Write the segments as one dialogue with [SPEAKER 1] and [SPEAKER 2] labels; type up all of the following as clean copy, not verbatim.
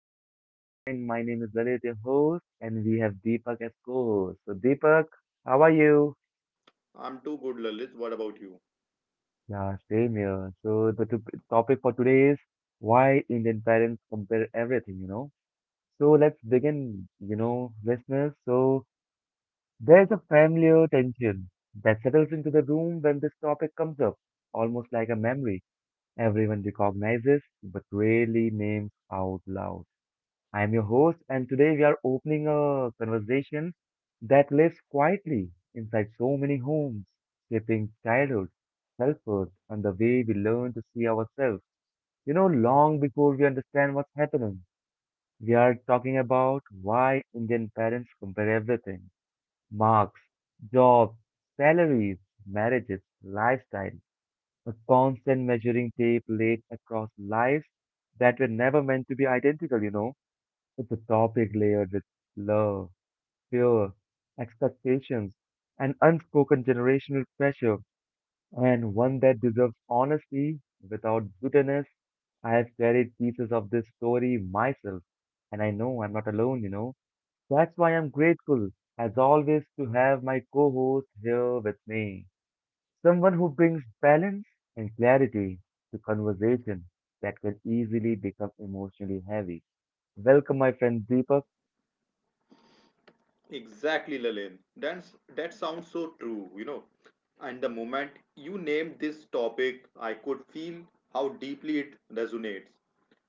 [SPEAKER 1] Hope you are fine. My name is Lalit, your host, and we have Deepak as co-host. So, Deepak, how are you?
[SPEAKER 2] I'm too good, Lalit. What about you?
[SPEAKER 1] Yeah, same here. The topic for today is why Indian parents compare everything, So, let's begin, listeners. So, there's a familiar tension that settles into the room when this topic comes up, almost like a memory everyone recognizes but rarely names out loud. I am your host, and today we are opening a conversation that lives quietly inside so many homes, shaping childhood, self worth, and the way we learn to see ourselves. You know, long before we understand what's happening, we are talking about why Indian parents compare everything marks, jobs, salaries, marriages, lifestyle, a constant measuring tape laid across lives that were never meant to be identical. It's a topic layered with love, fear, expectations, and unspoken generational pressure, and one that deserves honesty without bitterness. I have carried pieces of this story myself, and I know I'm not alone. That's why I'm grateful, as always, to have my co host here with me. Someone who brings balance and clarity to conversation that can easily become emotionally heavy. Welcome, my friend Deepak.
[SPEAKER 2] Exactly, Lalit. That sounds so true, you know. And the moment you named this topic, I could feel how deeply it resonates.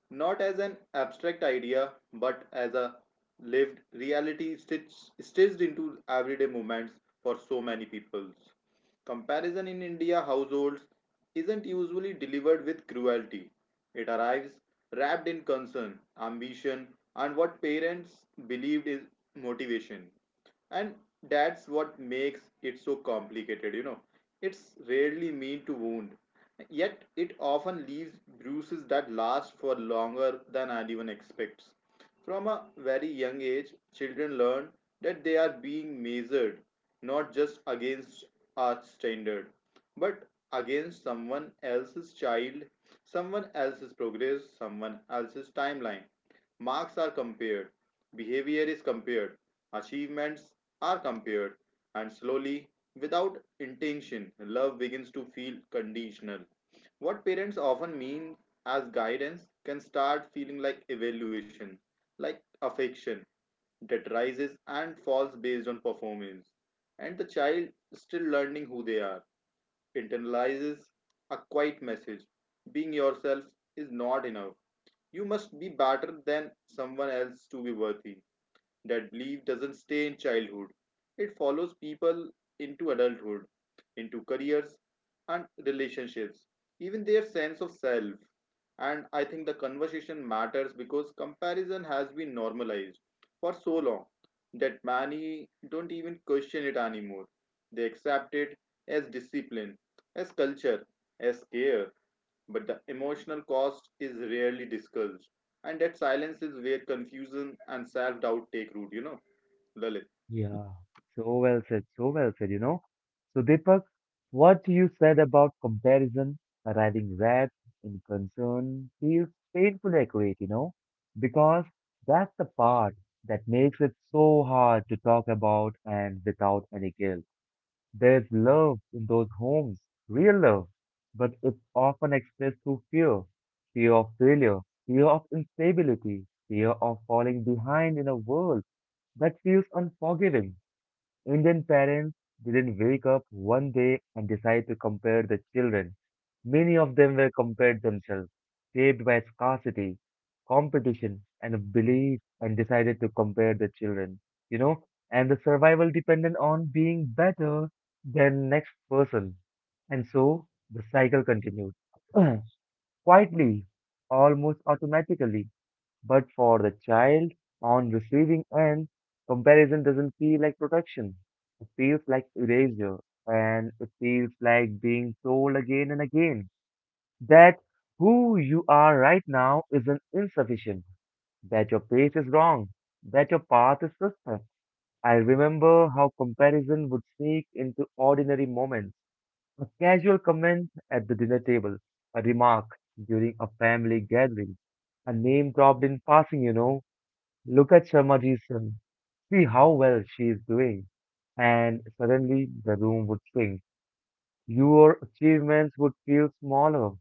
[SPEAKER 2] Not as an abstract idea, but as a lived reality stitched into everyday moments for so many people. Comparison in India households isn't usually delivered with cruelty. It arrives wrapped in concern, ambition, and what parents believed is motivation. And that's what makes it so complicated, you know. It's rarely meant to wound, yet it often leaves bruises that last for longer than anyone expects. From a very young age, children learn that they are being measured not just against our standard, but against someone else's child, someone else's progress, someone else's timeline. Marks are compared, behavior is compared, achievements are compared, and slowly, without intention, love begins to feel conditional. What parents often mean as guidance can start feeling like evaluation, like affection that rises and falls based on performance. And the child, still learning who they are, internalizes a quiet message being yourself is not enough. You must be better than someone else to be worthy. That belief doesn't stay in childhood, it follows people into adulthood, into careers and relationships, even their sense of self. And I think the conversation matters because comparison has been normalized for so long that many don't even question it anymore. They accept it as discipline, as culture, as care, but the emotional cost is rarely discussed. And that silence is where confusion and self doubt take root, you know, Lalit.
[SPEAKER 1] Yeah, so well said, so well said. So Deepak, what you said about comparison arriving red in concern feels painfully accurate, you know, because that's the part that makes it so hard to talk about and without any guilt. There's love in those homes, real love, but it's often expressed through fear, fear of failure, fear of instability, fear of falling behind in a world that feels unforgiving. Indian parents didn't wake up one day and decide to compare the children. Many of them were compared themselves, shaped by scarcity, competition, and belief, and decided to compare the children, you know, and the survival depended on being better than next person. And so the cycle continued quietly, almost automatically. But for the child on receiving end, comparison doesn't feel like protection. It feels like erasure, and it feels like being told again and again that who you are right now isn't insufficient, that your pace is wrong, that your path is suspect. I remember how comparison would sneak into ordinary moments. A casual comment at the dinner table, a remark during a family gathering, a name dropped in passing, you know, look at Sharmaji's son. See how well she is doing. And suddenly the room would sink. Your achievements would feel smaller.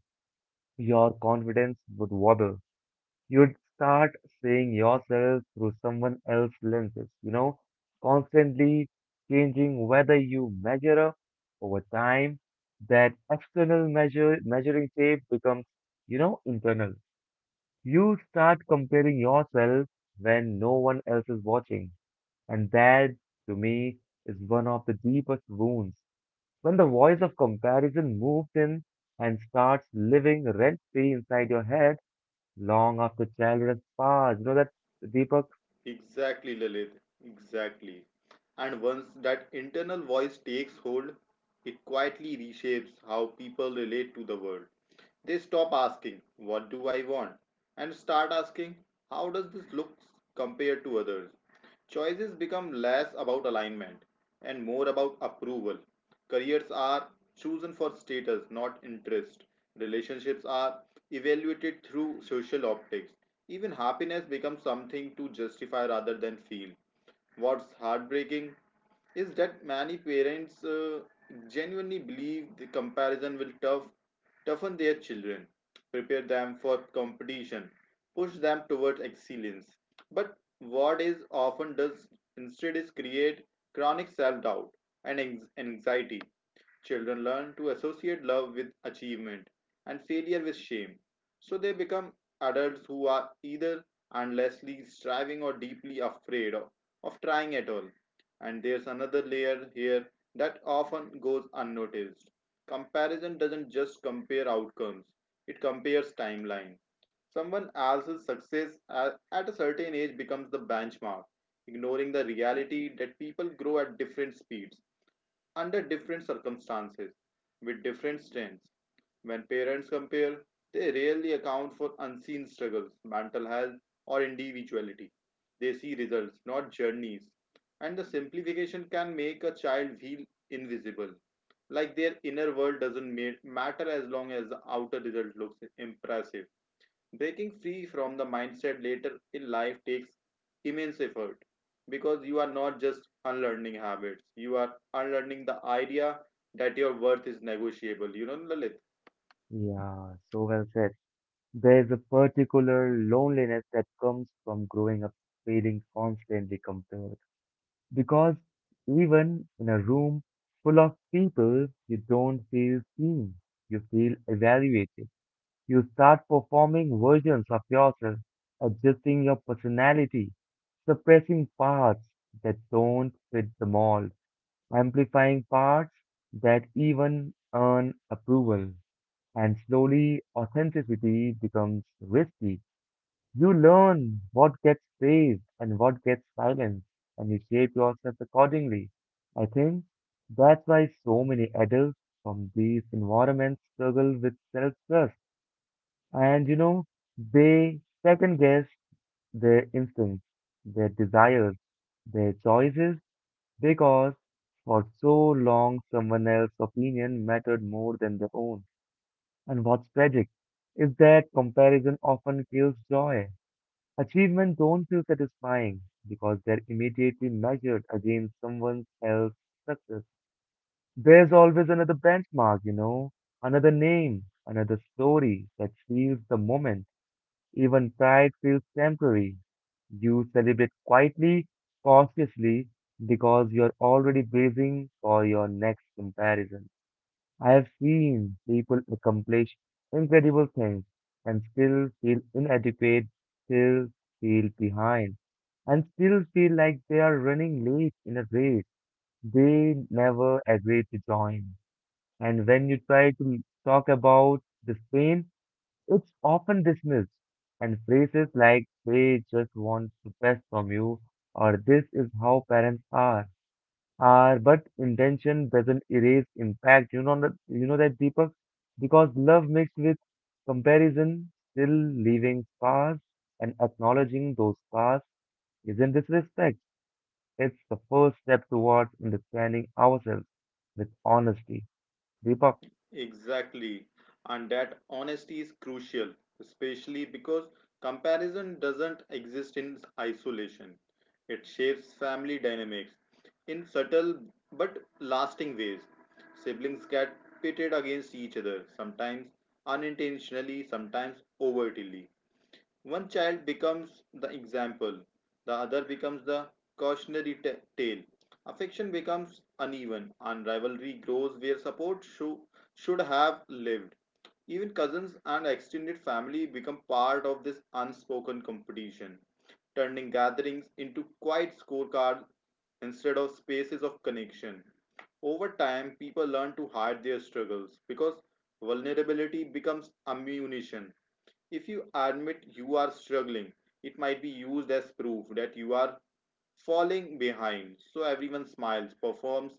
[SPEAKER 1] Your confidence would wobble. You'd start seeing yourself through someone else's lenses, you know, constantly changing whether you measure up over time. That external measure, measuring tape becomes, you know, internal. You start comparing yourself when no one else is watching and that, to me, is one of the deepest wounds. When the voice of comparison moves in and starts living rent free inside your head long after childhood has passed. You know that, Deepak?
[SPEAKER 2] Exactly, Lalit. Exactly. And once that internal voice takes hold, it quietly reshapes how people relate to the world. They stop asking, "What do I want?" and start asking, "How does this look compared to others?" Choices become less about alignment and more about approval. Careers are chosen for status, not interest. Relationships are evaluated through social optics. Even happiness becomes something to justify rather than feel. What's heartbreaking is that many parents genuinely believe the comparison will toughen their children, prepare them for competition, push them towards excellence. But what is often does instead is create chronic self doubt and anxiety. Children learn to associate love with achievement and failure with shame. So they become adults who are either endlessly striving or deeply afraid of trying at all. And there's another layer here that often goes unnoticed. Comparison doesn't just compare outcomes, it compares timeline. Someone else's success at a certain age becomes the benchmark, ignoring the reality that people grow at different speeds, under different circumstances, with different strengths. When parents compare, they rarely account for unseen struggles, mental health, or individuality. They see results, not journeys. And the simplification can make a child feel invisible, like their inner world doesn't matter as long as the outer result looks impressive. Breaking free from the mindset later in life takes immense effort because you are not just unlearning habits, you are unlearning the idea that your worth is negotiable. You know, Lalit?
[SPEAKER 1] Yeah, so well said. There is a particular loneliness that comes from growing up feeling constantly compared. Because even in a room full of people, you don't feel seen, you feel evaluated. You start performing versions of yourself, adjusting your personality, suppressing parts that don't fit the mold, amplifying parts that even earn approval. And slowly, authenticity becomes risky. You learn what gets praised and what gets silenced, and you shape yourself accordingly. I think that's why so many adults from these environments struggle with self trust and you know, they second guess their instincts, their desires, their choices because for so long someone else's opinion mattered more than their own. And what's tragic is that comparison often kills joy. Achievements don't feel satisfying because they're immediately measured against someone else's success. There's always another benchmark, you know, another name, another story that seals the moment. Even pride feels temporary. You celebrate quietly, cautiously, because you're already bracing for your next comparison. I have seen people accomplish incredible things and still feel inadequate, still feel behind, and still feel like they are running late in a race they never agreed to join. And when you try to talk about this pain, it's often dismissed, and phrases like they just want the best from you or this is how parents are but intention doesn't erase impact. You know that Deepak because love mixed with comparison still leaving scars and acknowledging those scars isn't disrespect. It's the first step towards understanding ourselves with honesty. Deepak,
[SPEAKER 2] Exactly. And that honesty is crucial, especially because comparison doesn't exist in isolation. It shapes family dynamics in subtle but lasting ways. Siblings get pitted against each other, sometimes unintentionally, sometimes overtly. One child becomes the example, the other becomes the cautionary tale. Affection becomes uneven, and rivalry grows where support should have lived. Even cousins and extended family become part of this unspoken competition, turning gatherings into quiet scorecards instead of spaces of connection. Over time, people learn to hide their struggles because vulnerability becomes ammunition if you admit you are struggling, it might be used as proof that you are falling behind. So everyone smiles, performs,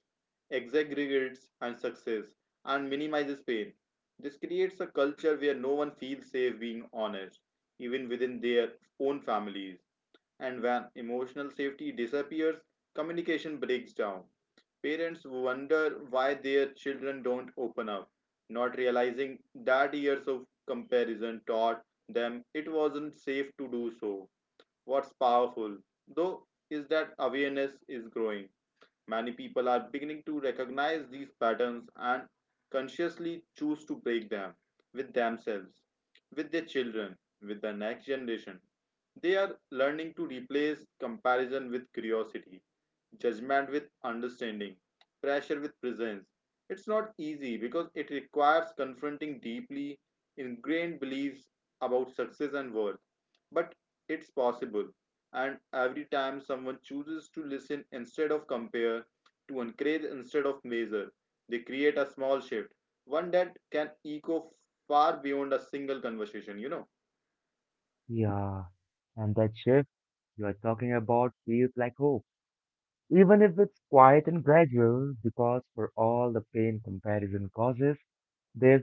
[SPEAKER 2] exaggerates, and success, and minimizes pain. This creates a culture where no one feels safe being honest, even within their own families. And when emotional safety disappears, communication breaks down. Parents wonder why their children don't open up, not realizing that years of comparison taught them it wasn't safe to do so. What's powerful, though, is that awareness is growing. Many people are beginning to recognize these patterns and consciously choose to break them with themselves, with their children, with the next generation. They are learning to replace comparison with curiosity, judgment with understanding, pressure with presence. It's not easy because it requires confronting deeply ingrained beliefs about success and worth, but it's possible, and every time someone chooses to listen instead of compare, to encourage instead of measure, they create a small shift, one that can echo far beyond a single conversation,
[SPEAKER 1] yeah, and that shift you are talking about feels like hope even if it's quiet and gradual, because for all the pain comparison causes, there's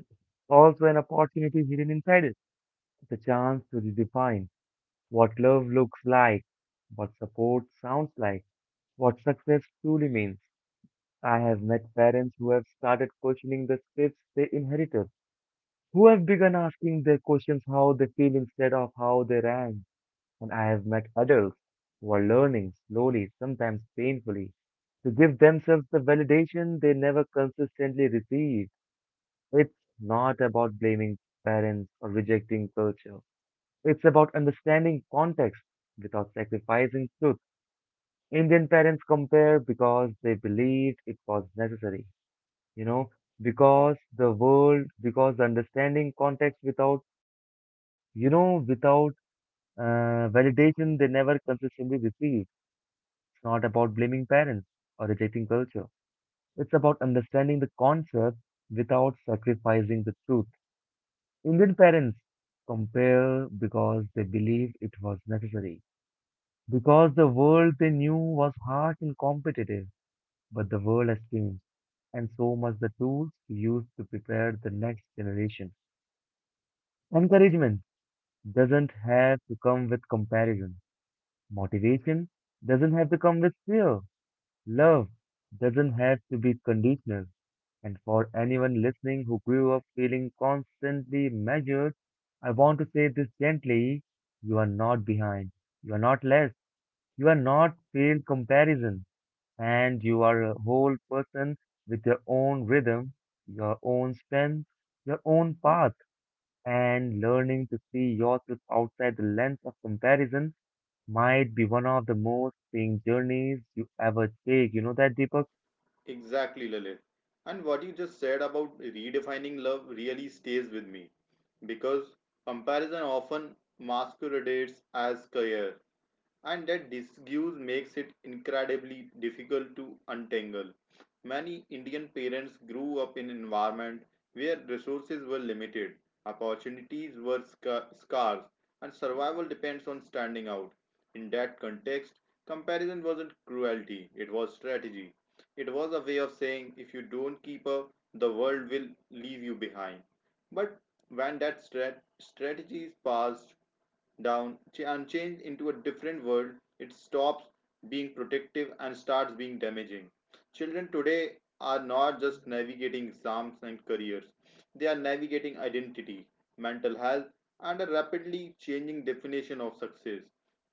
[SPEAKER 1] also an opportunity hidden inside it, the chance to redefine what love looks like, what support sounds like, what success truly means. I have met parents who have started questioning the scripts they inherited, who have begun asking their questions how they feel instead of how they ran. And I have met adults who are learning slowly, sometimes painfully, to give themselves the validation they never consistently received. It's not about blaming parents or rejecting culture. It's about understanding context without sacrificing truth. Indian parents compare because they believed it was necessary, you know, because the world, because the understanding context without, you know, without validation they never consistently received. It's not about blaming parents or rejecting culture. It's about understanding the concept without sacrificing the truth. Indian parents compare because they believe it was necessary, because the world they knew was harsh and competitive, but the world has changed, and so must the tools we use to prepare the next generation. Encouragement doesn't have to come with comparison. Motivation doesn't have to come with fear. Love doesn't have to be conditional. And for anyone listening who grew up feeling constantly measured, I want to say this gently. You are not behind. You are not less. You are not failed comparison. And you are a whole person with your own rhythm, your own strength, your own path. And learning to see yourself outside the lens of comparison might be one of the most freeing journeys you ever take. You know that, Deepak?
[SPEAKER 2] Exactly, Lilith. And what you just said about redefining love really stays with me because comparison often masquerades as care, and that disguise makes it incredibly difficult to untangle. Many Indian parents grew up in an environment where resources were limited, opportunities were scarce, and survival depends on standing out. In that context, comparison wasn't cruelty, it was strategy. It was a way of saying if you don't keep up, the world will leave you behind. But when that strategy is passed down and changed into a different world, it stops being protective and starts being damaging. Children today are not just navigating exams and careers, they are navigating identity, mental health, and a rapidly changing definition of success.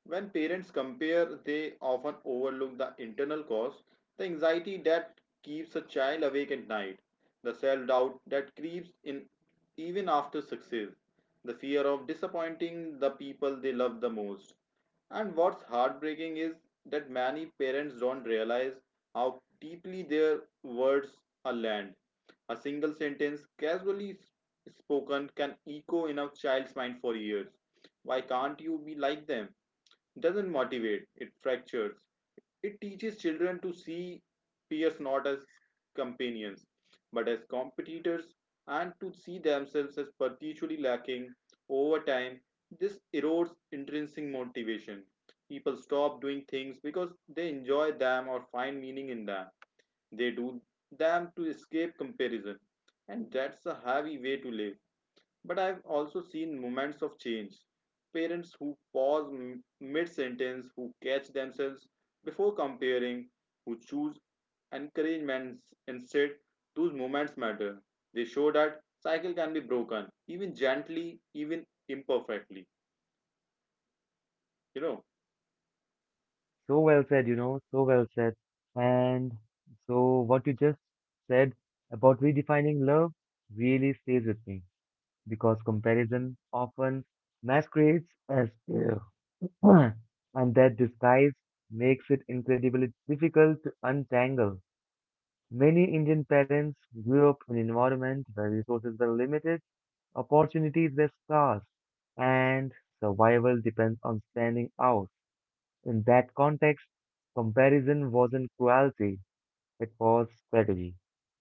[SPEAKER 2] When parents compare, they often overlook the internal cause, the anxiety that keeps a child awake at night, the self doubt that creeps in even after success, the fear of disappointing the people they love the most. And what's heartbreaking is that many parents don't realize how deeply their words are land. A single sentence, casually spoken, can echo in a child's mind for years. "Why can't you be like them?" doesn't motivate, it fractures. It teaches children to see peers not as companions, but as competitors, and to see themselves as perpetually lacking. Over time, this erodes intrinsic motivation. People stop doing things because they enjoy them or find meaning in them. They do them to escape comparison, and that's a heavy way to live. But I've also seen moments of change. Parents who pause mid sentence, who catch themselves before comparing, who choose encouragements instead, those moments matter. They show that cycle can be broken, even gently, even imperfectly. You know,
[SPEAKER 1] So well said, so well said. And so what you just said about redefining love really stays with me because comparison often masquerades as care. And that disguise makes it incredibly difficult to untangle. Many Indian parents grew up in an environment where resources were limited, opportunities were scarce, and survival depends on standing out. In that context, comparison wasn't cruelty, it was strategy.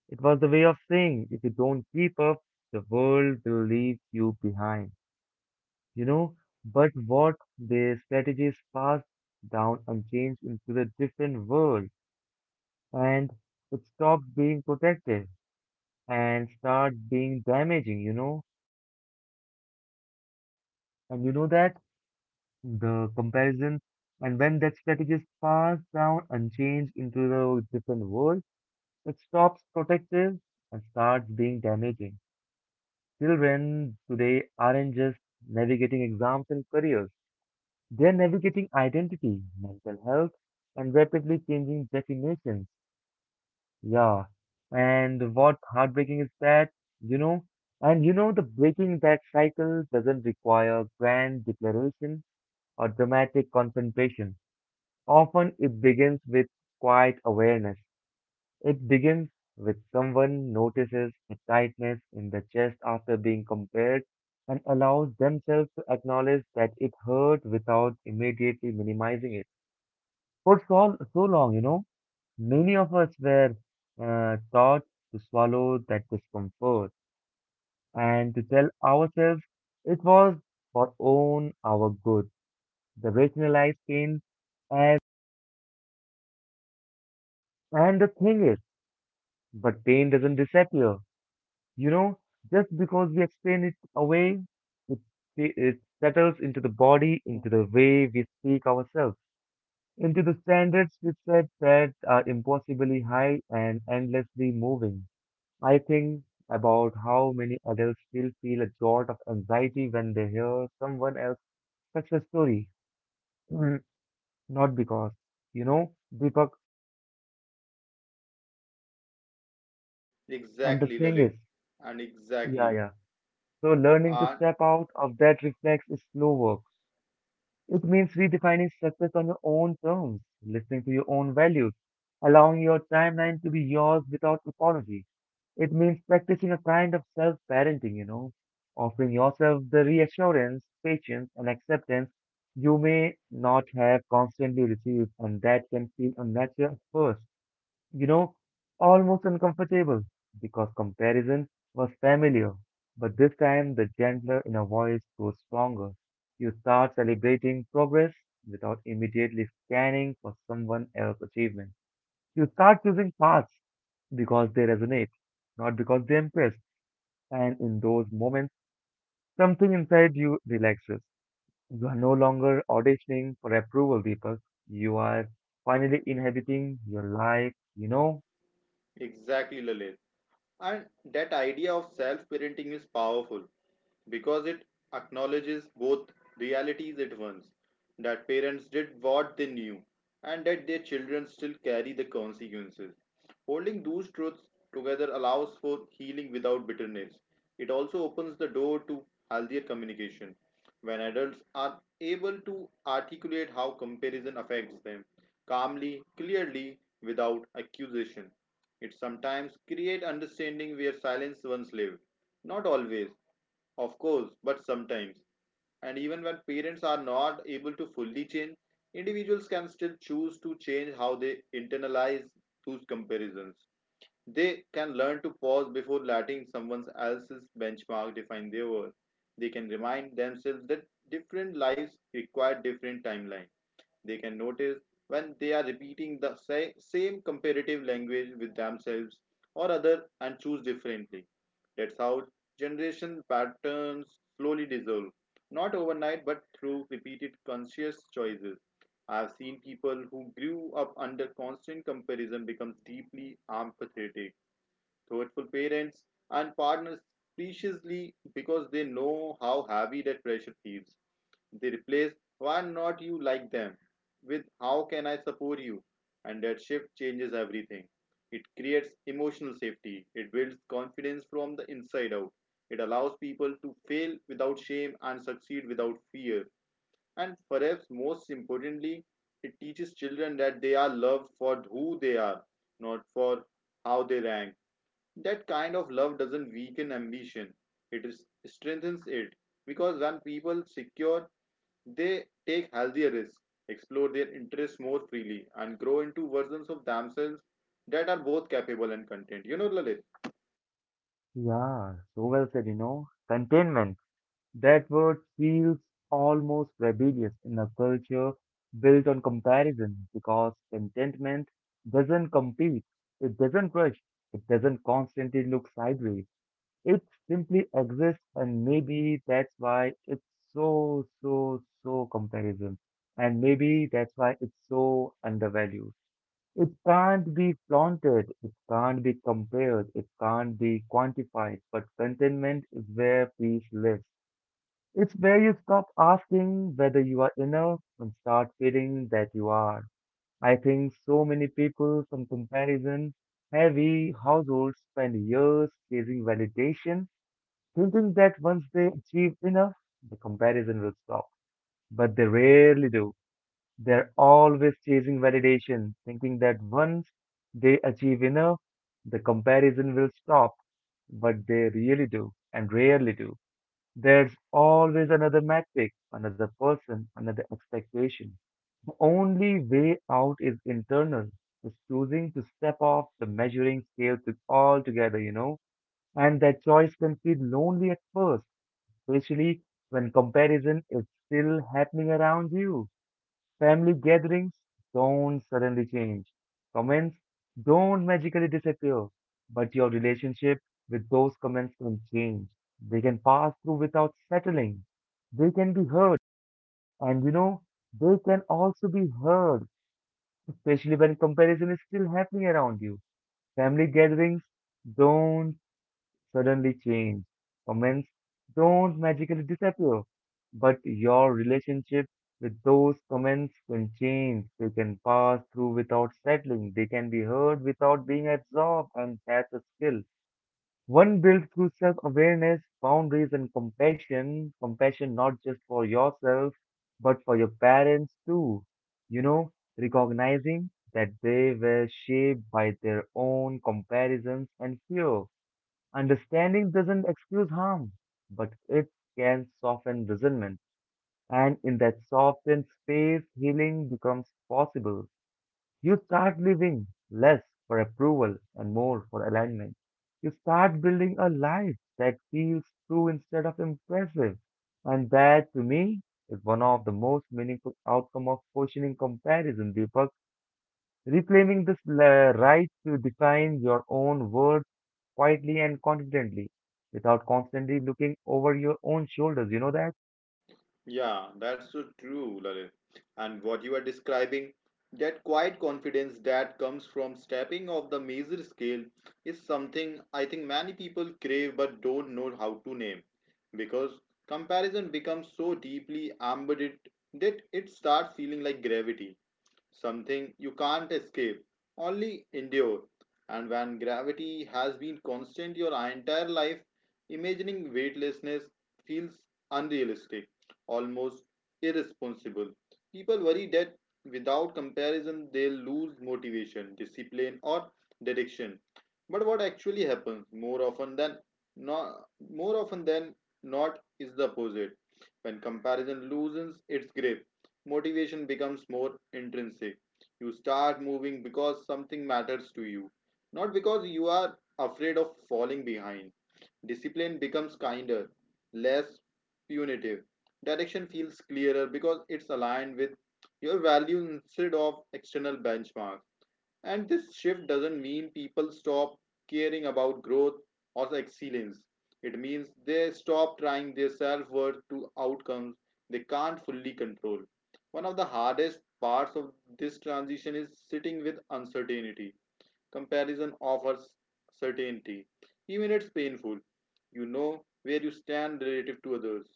[SPEAKER 1] It was the way of saying if you don't keep up, the world will leave you behind. You know, but what the strategies passed down unchanged into the different world and it stopped being protective and start being damaging. And you know that the comparison and when that strategies passed down unchanged into the different world it stops protective and starts being damaging. Children today aren't just navigating exams and careers, they're navigating identity, mental health, and rapidly changing definitions. Yeah. And what heartbreaking is that, you know, and you know, the breaking that cycle doesn't require grand declaration or dramatic confrontation. Often it begins with quiet awareness. It begins with someone notices a tightness in the chest after being compared and allows themselves to acknowledge that it hurt without immediately minimizing it. For so long, you know, many of us were taught to swallow that discomfort and to tell ourselves it was for own our good. The rationalized pain as and the thing is, but pain doesn't disappear. You know, just because we explain it away, it, it settles into the body, into the way we speak ourselves, into the standards we set that are impossibly high and endlessly moving. I think about how many adults still feel a jolt of anxiety when they hear someone else's success story. Mm. Not because, you know, Deepak, and the
[SPEAKER 2] exactly,
[SPEAKER 1] thing
[SPEAKER 2] Lalit.
[SPEAKER 1] is,
[SPEAKER 2] And
[SPEAKER 1] yeah,
[SPEAKER 2] exactly,
[SPEAKER 1] yeah. So learning to
[SPEAKER 2] and
[SPEAKER 1] step out of that reflex is slow work. It means redefining success on your own terms, listening to your own values, allowing your timeline to be yours without apology. It means practicing a kind of self parenting, you know, offering yourself the reassurance, patience, and acceptance you may not have constantly received, and that can feel unnatural at first you know, almost uncomfortable because comparison was familiar. But this time, the gentler inner voice grows stronger. You start celebrating progress without immediately scanning for someone else's achievement. You start choosing paths because they resonate, not because they impress. And in those moments, something inside you relaxes. You are no longer auditioning for approval, people. You are finally inhabiting your life.
[SPEAKER 2] exactly, Lalit. And that idea of self parenting is powerful because it acknowledges both realities at once, that parents did what they knew and that their children still carry the consequences. Holding those truths together allows for healing without bitterness. It also opens the door to healthier communication when adults are able to articulate how comparison affects them calmly, clearly, without accusation. It sometimes create understanding where silence once lived. Not always, of course, but sometimes. And even when parents are not able to fully change, individuals can still choose to change how they internalize those comparisons. They can learn to pause before letting someone else's benchmark define their worth. They can remind themselves that different lives require different timelines. They can notice when they are repeating the same comparative language with themselves or other, and choose differently. That's how generation patterns slowly dissolve, not overnight but through repeated conscious choices. I've seen people who grew up under constant comparison become deeply empathetic, thoughtful parents and partners preciously because they know how heavy that pressure feels. They replace "why not you like them" with "how can I support you?" And that shift changes everything. It creates emotional safety, it builds confidence from the inside out, it allows people to fail without shame and succeed without fear. And perhaps most importantly, it teaches children that they are loved for who they are, not for how they rank. That kind of love doesn't weaken ambition, it is, strengthens it. Because when people secure they take healthier risks, explore their interests more freely, and grow into versions of themselves that are both capable and content. You know, Lalit?
[SPEAKER 1] Yeah, so well said. Containment, that word feels almost rebellious in a culture built on comparison because contentment doesn't compete, it doesn't rush, it doesn't constantly look sideways. It simply exists, and maybe that's why it's so comparison. And maybe that's why it's so undervalued. It can't be flaunted, it can't be compared, it can't be quantified, but contentment is where peace lives. It's where you stop asking whether you are enough and start feeling that you are. I think so many people from comparison heavy households spend years chasing validation, thinking that once they achieve enough, the comparison will stop. But they rarely do. They're always chasing validation, thinking that once they achieve enough, the comparison will stop. But they really do, and rarely do. There's always another metric, another person, another expectation. The only way out is internal, is choosing to step off the measuring scale to altogether, you know. And that choice can feel lonely at first, especially when comparison is still happening around you. Family gatherings don't suddenly change. Comments don't magically disappear, but your relationship with those comments can change. They can pass through without settling. They can be heard, and you know, they can also be heard, especially when comparison is still happening around you. Family gatherings don't suddenly change. Comments don't magically disappear, but your relationship with those comments can change. They can pass through without settling. They can be heard without being absorbed, and that's a skill. One built through self awareness, boundaries, and compassion. Compassion not just for yourself, but for your parents too. You know, recognizing that they were shaped by their own comparisons and fear. Understanding doesn't excuse harm, but it can soften resentment. And in that softened space, healing becomes possible. You start living less for approval and more for alignment. You start building a life that feels true instead of impressive. And that, to me, is one of the most meaningful outcome of questioning comparison, Deepak. Reclaiming this right to define your own worth quietly and confidently without constantly looking over your own shoulders. You know that?
[SPEAKER 2] Yeah, that's so true, Lalit. And what you are describing, that quiet confidence that comes from stepping off the major scale, is something I think many people crave but don't know how to name. Because comparison becomes so deeply embedded that it starts feeling like gravity, something you can't escape, only endure. And when gravity has been constant your entire life, imagining weightlessness feels unrealistic, almost irresponsible. People worry that without comparison they'll lose motivation, discipline, or direction. But what actually happens not, more often than not is the opposite. When comparison loosens its grip, motivation becomes more intrinsic. You start moving because something matters to you, not because you are afraid of falling behind. Discipline becomes kinder, less punitive. Direction feels clearer because it's aligned with your value instead of external benchmarks. And this shift doesn't mean people stop caring about growth or excellence. It means they stop trying their self worth to outcomes they can't fully control. One of the hardest parts of this transition is sitting with uncertainty. Comparison offers certainty, even it's painful. You know where you stand relative to others.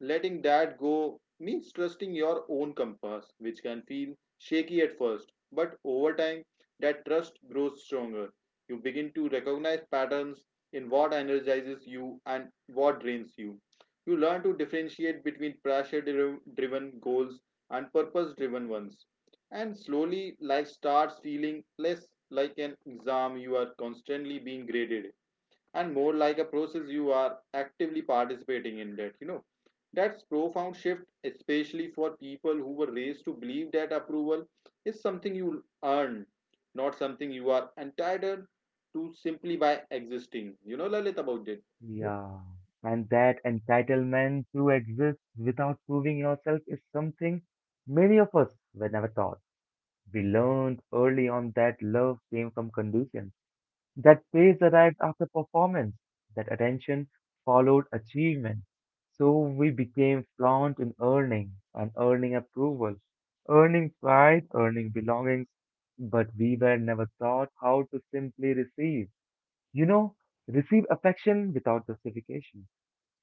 [SPEAKER 2] Letting that go means trusting your own compass, which can feel shaky at first, but over time, that trust grows stronger. You begin to recognize patterns in what energizes you and what drains you. You learn to differentiate between pressure driven goals and purpose driven ones. And slowly, life starts feeling less like an exam you are constantly being graded and more like a process you are actively participating in. That's profound shift, especially for people who were raised to believe that approval is something you earn, not something you are entitled to simply by existing. Lalit, about it.
[SPEAKER 1] Yeah. And that entitlement to exist without proving yourself is something many of us were never taught. We learned early on that love came from conditions. That praise arrived after performance, that attention followed achievement. So we became fluent in earning and earning approval, earning pride, earning belongings, but we were never taught how to simply receive. You know, receive affection without justification,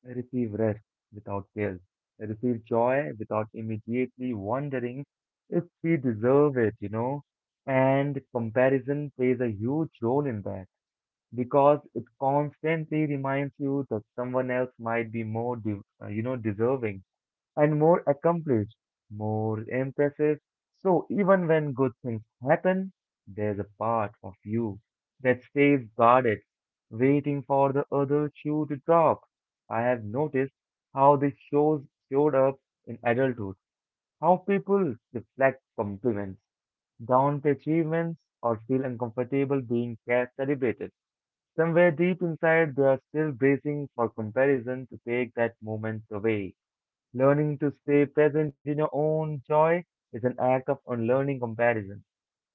[SPEAKER 1] receive rest without guilt, receive joy without immediately wondering if we deserve it, you know, and comparison plays a huge role in that because it constantly reminds you that someone else might be more, you know, deserving and more accomplished, more impressive. So even when good things happen, there's a part of you that stays guarded, waiting for the other shoe to drop. I have noticed how this shows showed up in adulthood, how people reflect compliments, downplay achievements or feel uncomfortable being celebrated. Somewhere deep inside, they are still bracing for comparison to take that moment away. Learning to stay present in your own joy is an act of unlearning comparison.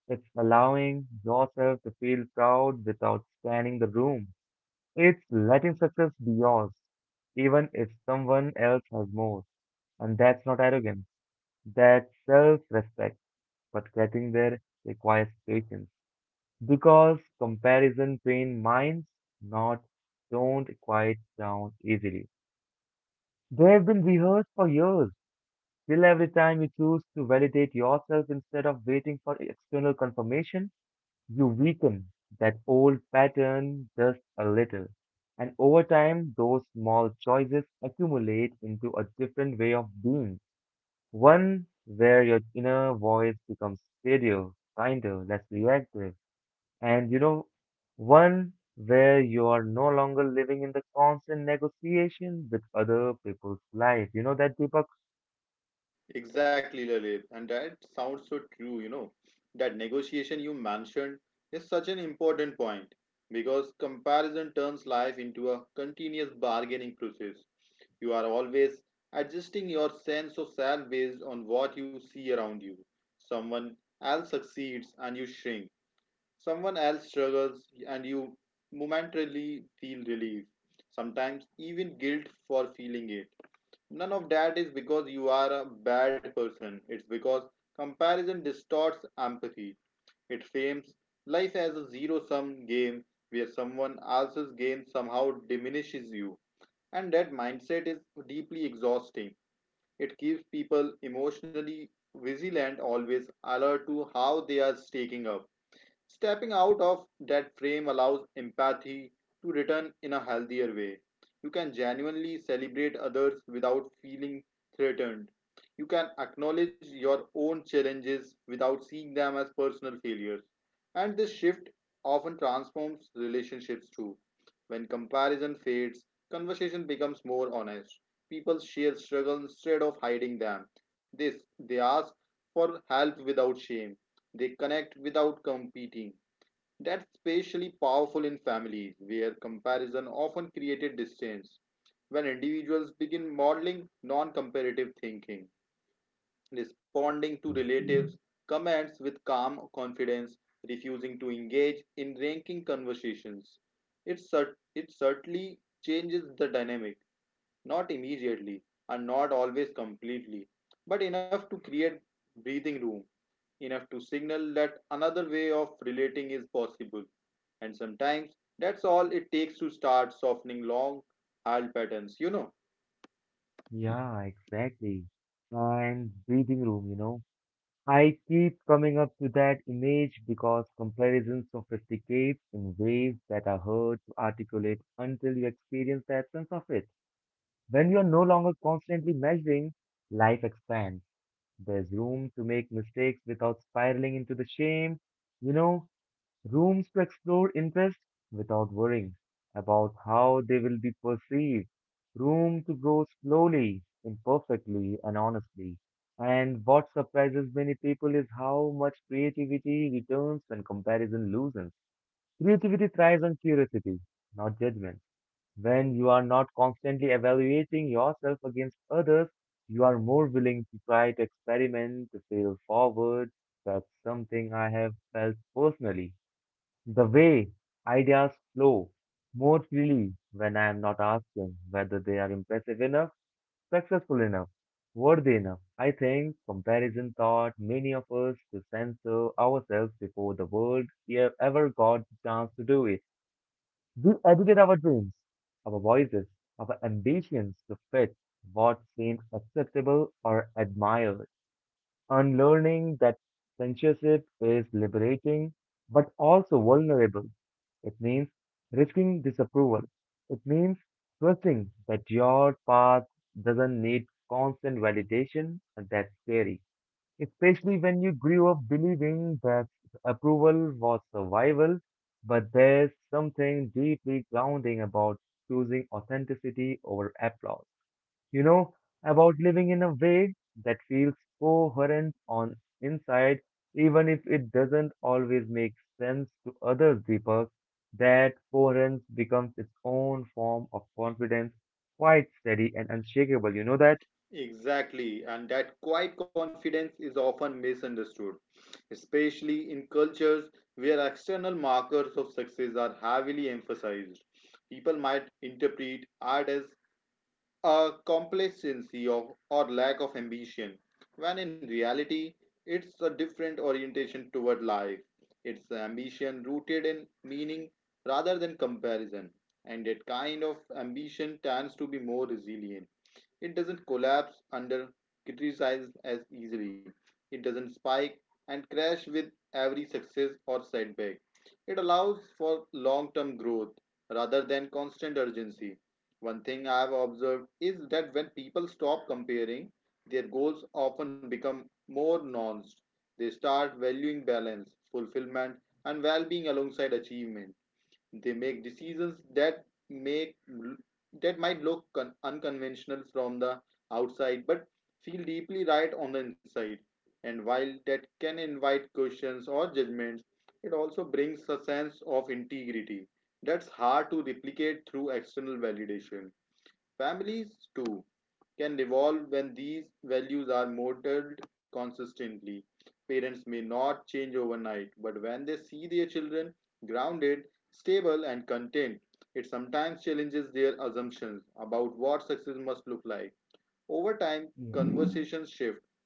[SPEAKER 1] It's allowing yourself to feel proud without scanning the room. It's letting success be yours, even if someone else has more. And that's not arrogance, that's self respect. But getting there requires patience because comparison trained minds not don't quiet down easily. They have been rehearsed for years. Still, every time you choose to validate yourself instead of waiting for external confirmation, you weaken that old pattern just a little. And over time, those small choices accumulate into a different way of being. One where your inner voice becomes steadier, kinder, less reactive, and you know, one where you are no longer living in the constant negotiation with other people's life. You know that, Deepak?
[SPEAKER 2] Exactly, Lalit. And that sounds so true, you know. That negotiation you mentioned is such an important point because comparison turns life into a continuous bargaining process. You are always adjusting your sense of self based on what you see around you. Someone else succeeds and you shrink. Someone else struggles and you momentarily feel relief. Sometimes even guilt for feeling it. None of that is because you are a bad person. It's because comparison distorts empathy. It frames life as a zero sum game where someone else's gain somehow diminishes you. And that mindset is deeply exhausting. It keeps people emotionally vigilant, always alert to how they are staking up. Stepping out of that frame allows empathy to return in a healthier way. You can genuinely celebrate others without feeling threatened. You can acknowledge your own challenges without seeing them as personal failures. And this shift often transforms relationships too. When comparison fades, conversation becomes more honest. People share struggles instead of hiding them. This they ask for help without shame. They connect without competing. That's especially powerful in families, where comparison often created distance. When individuals begin modeling non comparative thinking, responding to
[SPEAKER 1] Yeah,
[SPEAKER 2] relatives' comments with calm confidence, refusing to engage in ranking conversations, it certainly changes the dynamic, not immediately and not always completely, but enough to create breathing room, enough to signal that another way of relating is possible, and sometimes that's all it takes to start softening long hard patterns, you know.
[SPEAKER 1] yeah, exactly. And breathing room, you know. I keep coming up to that image because comparison sophisticates in ways that are hard to articulate until you experience the absence of it. When you are no longer constantly measuring, life expands. There's room to make mistakes without spiraling into the shame. You know, rooms to explore interests without worrying about how they will be perceived, room to grow slowly, imperfectly, and honestly. And what surprises many people is how much creativity returns when comparison loosens. Creativity thrives on curiosity, not judgment. When you are not constantly evaluating yourself against others, you are more willing to try to experiment, to fail forward. That's something I have felt personally, the way ideas flow more freely when I am not asking whether they are impressive enough, successful enough, worthy enough. I think comparison taught many of us to censor ourselves before the world ever got the chance to do it. We edited our dreams, our voices, our ambitions to fit what seems acceptable or admired, and learning that censorship is liberating but also vulnerable. It means risking disapproval. It means trusting that your path doesn't need constant validation, and that's scary. Especially when you grew up believing that approval was survival, but there's something deeply grounding about choosing authenticity over applause, you know, about living in a way that feels coherent on inside, even if it doesn't always make sense to others, Deepak. That coherence becomes its own form of confidence, quite steady and unshakable. You know that?
[SPEAKER 2] Exactly, and that quiet confidence is often misunderstood, especially in cultures where external markers of success are heavily emphasized. People might interpret art as a complacency of, or lack of ambition, when in reality, it's a different orientation toward life. It's ambition rooted in meaning rather than comparison, and that kind of ambition tends to be more resilient. It doesn't collapse under criticism as easily, it doesn't spike and crash with every success or setback. It allows for long term growth rather than constant urgency. One thing I've observed is that when people stop comparing, their goals often become more nuanced. They start valuing balance, fulfillment, and well-being alongside achievement. They make decisions that make that might look unconventional from the outside, but feel deeply right on the inside. And while that can invite questions or judgments, it also brings a sense of integrity that's hard to replicate through external validation. Families, too, can evolve when these values are modeled consistently. Parents may not change overnight, but when they see their children grounded, stable, and content, it sometimes challenges their assumptions about what success must look like. Over time,
[SPEAKER 1] Yeah,
[SPEAKER 2] conversations shift,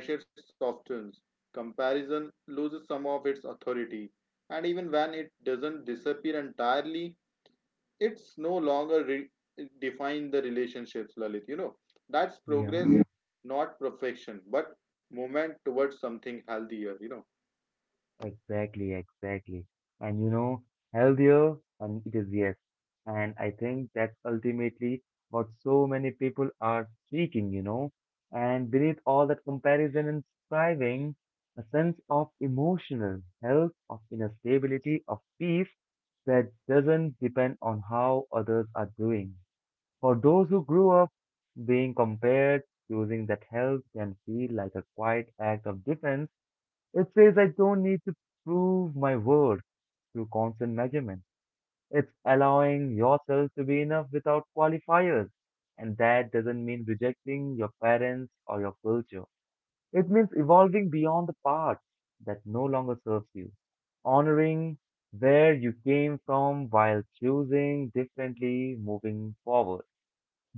[SPEAKER 2] pressure softens, comparison loses some of its authority, and even when it doesn't disappear entirely, it's no longer define the relationships, Lalit, you know. That's progress.
[SPEAKER 1] yeah.
[SPEAKER 2] Yeah, not perfection but movement towards something healthier, you know.
[SPEAKER 1] Exactly, exactly. And you know, healthier, and it is yes. And I think that's ultimately what so many people are seeking, you know. And beneath all that comparison and striving, a sense of emotional health, of inner stability, of peace that doesn't depend on how others are doing. For those who grew up being compared, choosing that health can feel like a quiet act of defense. It says I don't need to prove my worth through constant measurement. It's allowing yourself to be enough without qualifiers. And that doesn't mean rejecting your parents or your culture. It means evolving beyond the parts that no longer serves you, honoring where you came from while choosing differently moving forward.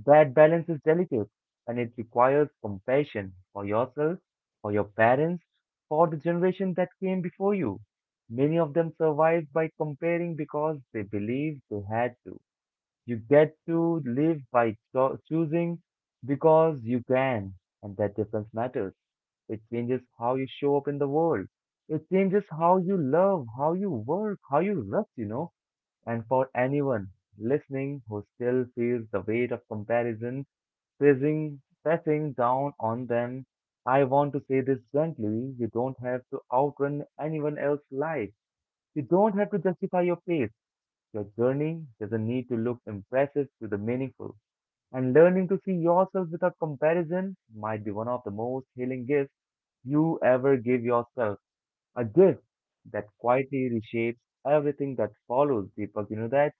[SPEAKER 1] That balance is delicate and it requires compassion for yourself, for your parents, for the generation that came before you. Many of them survived by comparing because they believed they had to. You get to live by choosing because you can, and that difference matters. It changes how you show up in the world. It changes how you love, how you work, how you rest, you know. And for anyone listening who still feels the weight of comparison, pressing down on them. I want to say this gently. You don't have to outrun anyone else's life. You don't have to justify your pace. Your journey doesn't need to look impressive to the meaningful. And learning to see yourself without comparison might be one of the most healing gifts you ever give yourself. A gift that quietly reshapes everything that follows, Deepak. You know that?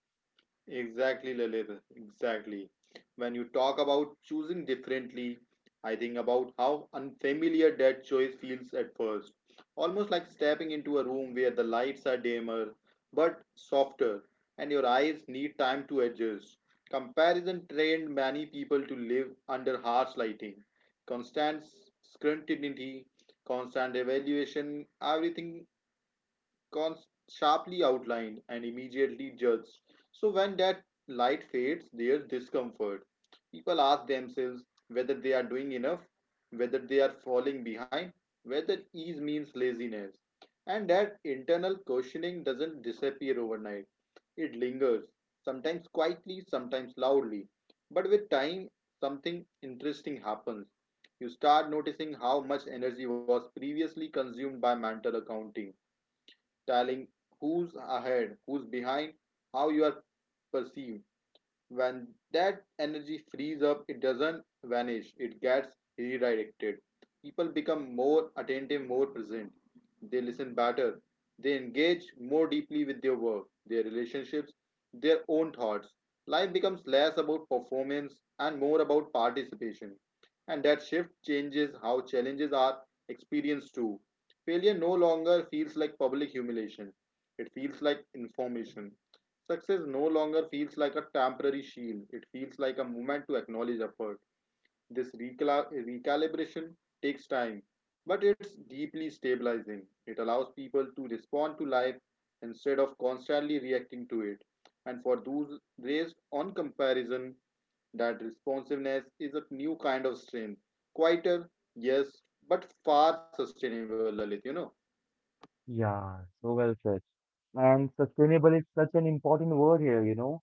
[SPEAKER 2] Exactly, Lalit. Exactly. When you talk about choosing differently, I think about how unfamiliar that choice feels at first. Almost like stepping into a room where the lights are dimmer but softer and your eyes need time to adjust. Comparison trained many people to live under harsh lighting, constant scrutiny, constant evaluation, everything con- sharply outlined and immediately judged. So when that light fades, their discomfort. People ask themselves whether they are doing enough, whether they are falling behind, whether ease means laziness. And that internal questioning doesn't disappear overnight. It lingers, sometimes quietly, sometimes loudly. But with time, something interesting happens. You start noticing how much energy was previously consumed by mental accounting, telling who's ahead, who's behind, how you are perceived. When that energy frees up, it doesn't vanish, it gets redirected. People become more attentive, more present. They listen better. They engage more deeply with their work, their relationships, their own thoughts. Life becomes less about performance and more about participation. And that shift changes how challenges are experienced too. Failure no longer feels like public humiliation, it feels like information. Success no longer feels like a temporary shield, it feels like a movement to acknowledge effort. This recalibration takes time, but it's deeply stabilizing. It allows people to respond to life instead of constantly reacting to it. And for those raised on comparison, that responsiveness is a new kind of strength. Quieter, yes, but far sustainable, Lalit, you know.
[SPEAKER 1] Yeah, so well said. And sustainable is such an important word here, you know.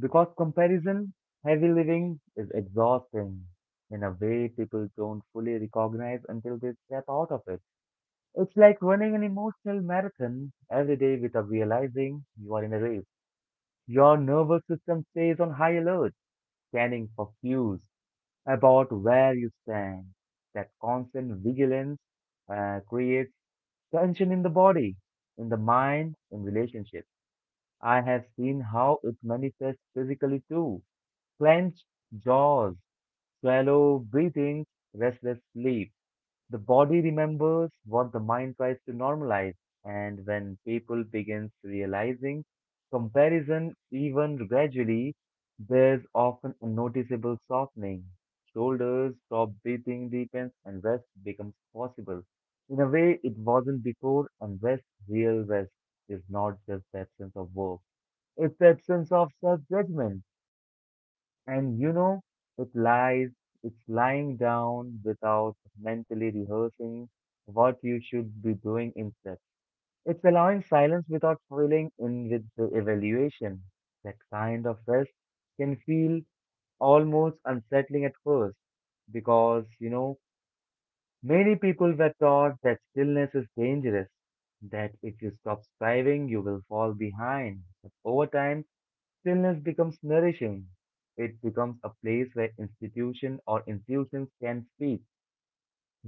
[SPEAKER 1] Because comparison, heavy living is exhausting in a way people don't fully recognize until they step out of it. It's like running an emotional marathon every day without realizing you are in a race. Your nervous system stays on high alert, scanning for cues about where you stand. That constant vigilance creates tension in the body, in the mind, in relationships. I have seen how it manifests physically too. Clenched jaws, shallow breathing, restless sleep. The body remembers what the mind tries to normalize, and when people begins realizing comparison even gradually, there's often a noticeable softening. Shoulders stop, breathing deepens, and rest becomes possible. In a way, it wasn't before, and rest, real rest, is not just the absence of work. It's the absence of self-judgment, and you know, it lies, it's lying down without mentally rehearsing what you should be doing instead. It's allowing silence without filling in with the evaluation. That kind of rest can feel almost unsettling at first because, you know, many people were taught that stillness is dangerous, that if you stop striving, you will fall behind. But over time, stillness becomes nourishing. It becomes a place where institution or institutions can speak,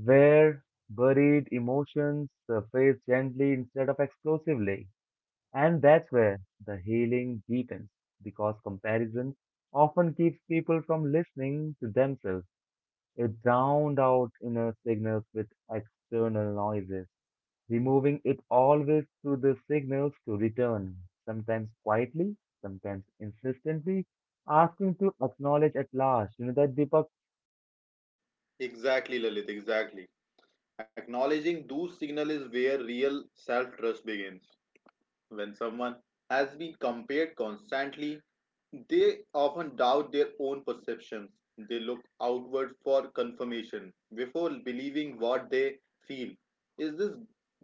[SPEAKER 1] where buried emotions surface gently instead of explosively. And that's where the healing deepens, because comparison often keeps people from listening to themselves. It drowned out inner signals with external noises, removing it always through the signals to return, sometimes quietly, sometimes insistently, asking to acknowledge at last. You know that, Deepak?
[SPEAKER 2] Exactly, Lalit, exactly. Acknowledging those signals is where real self trust begins. When someone has been compared constantly, they often doubt their own perceptions. They look outward for confirmation before believing what they feel. Is this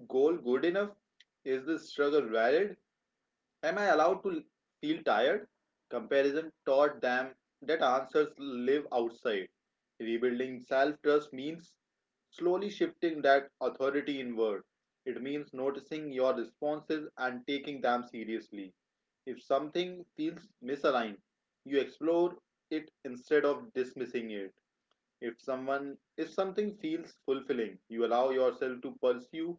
[SPEAKER 2] goal good enough? Is this struggle valid? Am I allowed to feel tired? Comparison taught them that answers live outside. Rebuilding self trust means slowly shifting that authority inward. It means noticing your responses and taking them seriously. If something feels misaligned, you explore it instead of dismissing it. If someone if something feels fulfilling, you allow yourself to pursue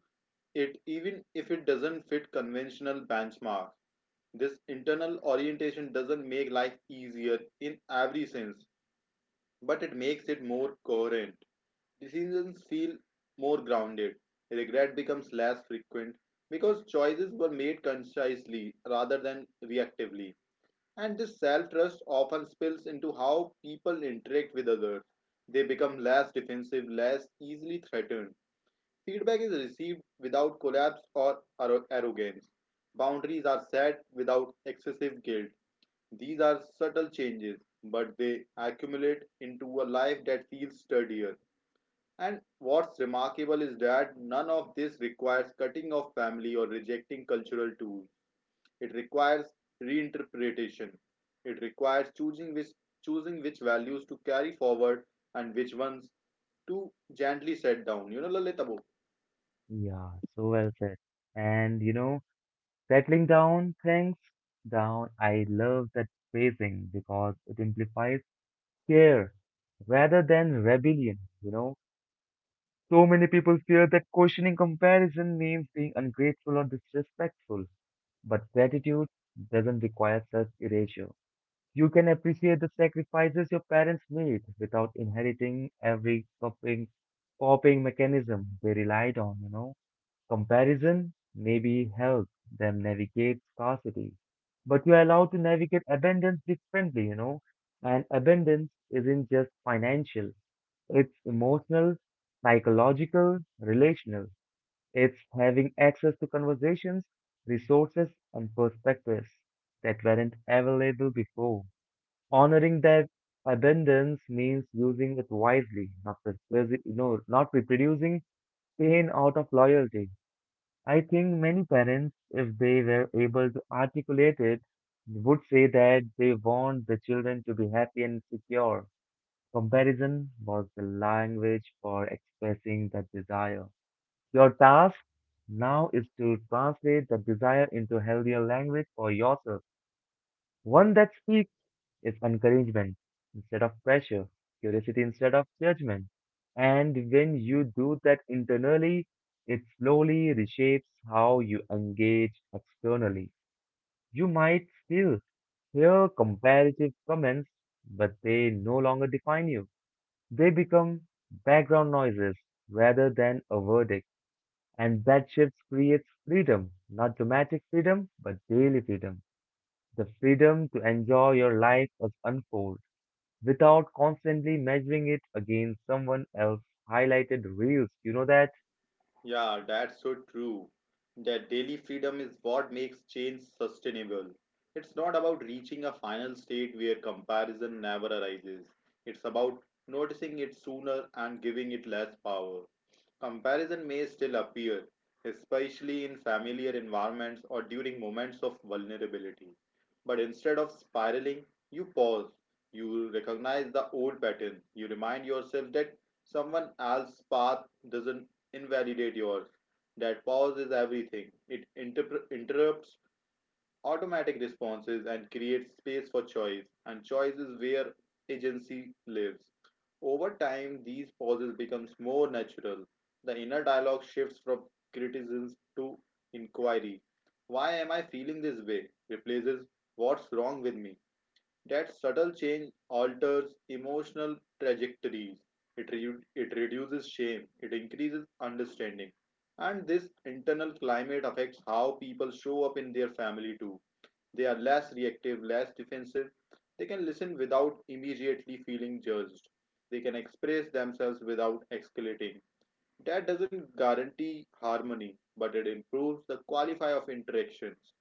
[SPEAKER 2] it even if it doesn't fit conventional benchmarks. This internal orientation doesn't make life easier in every sense, but it makes it more coherent. Decisions feel more grounded. Regret becomes less frequent because choices were made consciously rather than reactively. And this self trust often spills into how people interact with others. They become less defensive, less easily threatened. Feedback is received without collapse or arrogance. Boundaries are set without excessive guilt. These are subtle changes, but they accumulate into a life that feels sturdier. And what's remarkable is that none of this requires cutting off family or rejecting cultural tools. It requires reinterpretation. It requires choosing which values to carry forward and which ones to gently set down. You know, Lalit.
[SPEAKER 1] Yeah, so well said. And you know, settling down things down. I love that phrasing because it implies care rather than rebellion. You know, so many people fear that questioning comparison means being ungrateful or disrespectful, but gratitude doesn't require such erasure. You can appreciate the sacrifices your parents made without inheriting every coping mechanism they relied on, you know. Comparison maybe helped them navigate scarcity, but you are allowed to navigate abundance differently, you know. And abundance isn't just financial, it's emotional, psychological, relational. It's having access to conversations, resources, and perspectives that weren't available before. Honoring that abundance means using it wisely, not reproducing pain out of loyalty. I think many parents, if they were able to articulate it, would say that they want the children to be happy and secure. Comparison was the language for expressing that desire. Your task now is to translate the desire into healthier language for yourself, one that speaks is encouragement instead of pressure, curiosity instead of judgment. And when you do that internally, it slowly reshapes how you engage externally. You might still hear comparative comments, but they no longer define you. They become background noises rather than a verdict. And that shift creates freedom, not dramatic freedom, but daily freedom. The freedom to enjoy your life as unfold without constantly measuring it against someone else's highlighted reels. You know that?
[SPEAKER 2] Yeah, that's so true. That daily freedom is what makes change sustainable. It's not about reaching a final state where comparison never arises. It's about noticing it sooner and giving it less power. Comparison may still appear, especially in familiar environments or during moments of vulnerability. But instead of spiraling, you pause. You recognize the old pattern. You remind yourself that someone else's path doesn't invalidate yours. That pause is everything. It interrupts automatic responses and creates space for choice, and choice is where agency lives. Over time, these pauses becomes more natural. The inner dialogue shifts from criticism to inquiry. Why am I feeling this way? Replaces what's wrong with me. That subtle change alters emotional trajectories. It reduces shame. It increases understanding. And this internal climate affects how people show up in their family too. They are less reactive, less defensive. They can listen without immediately feeling judged. They can express themselves without escalating. That doesn't guarantee harmony, but it improves the quality of interactions.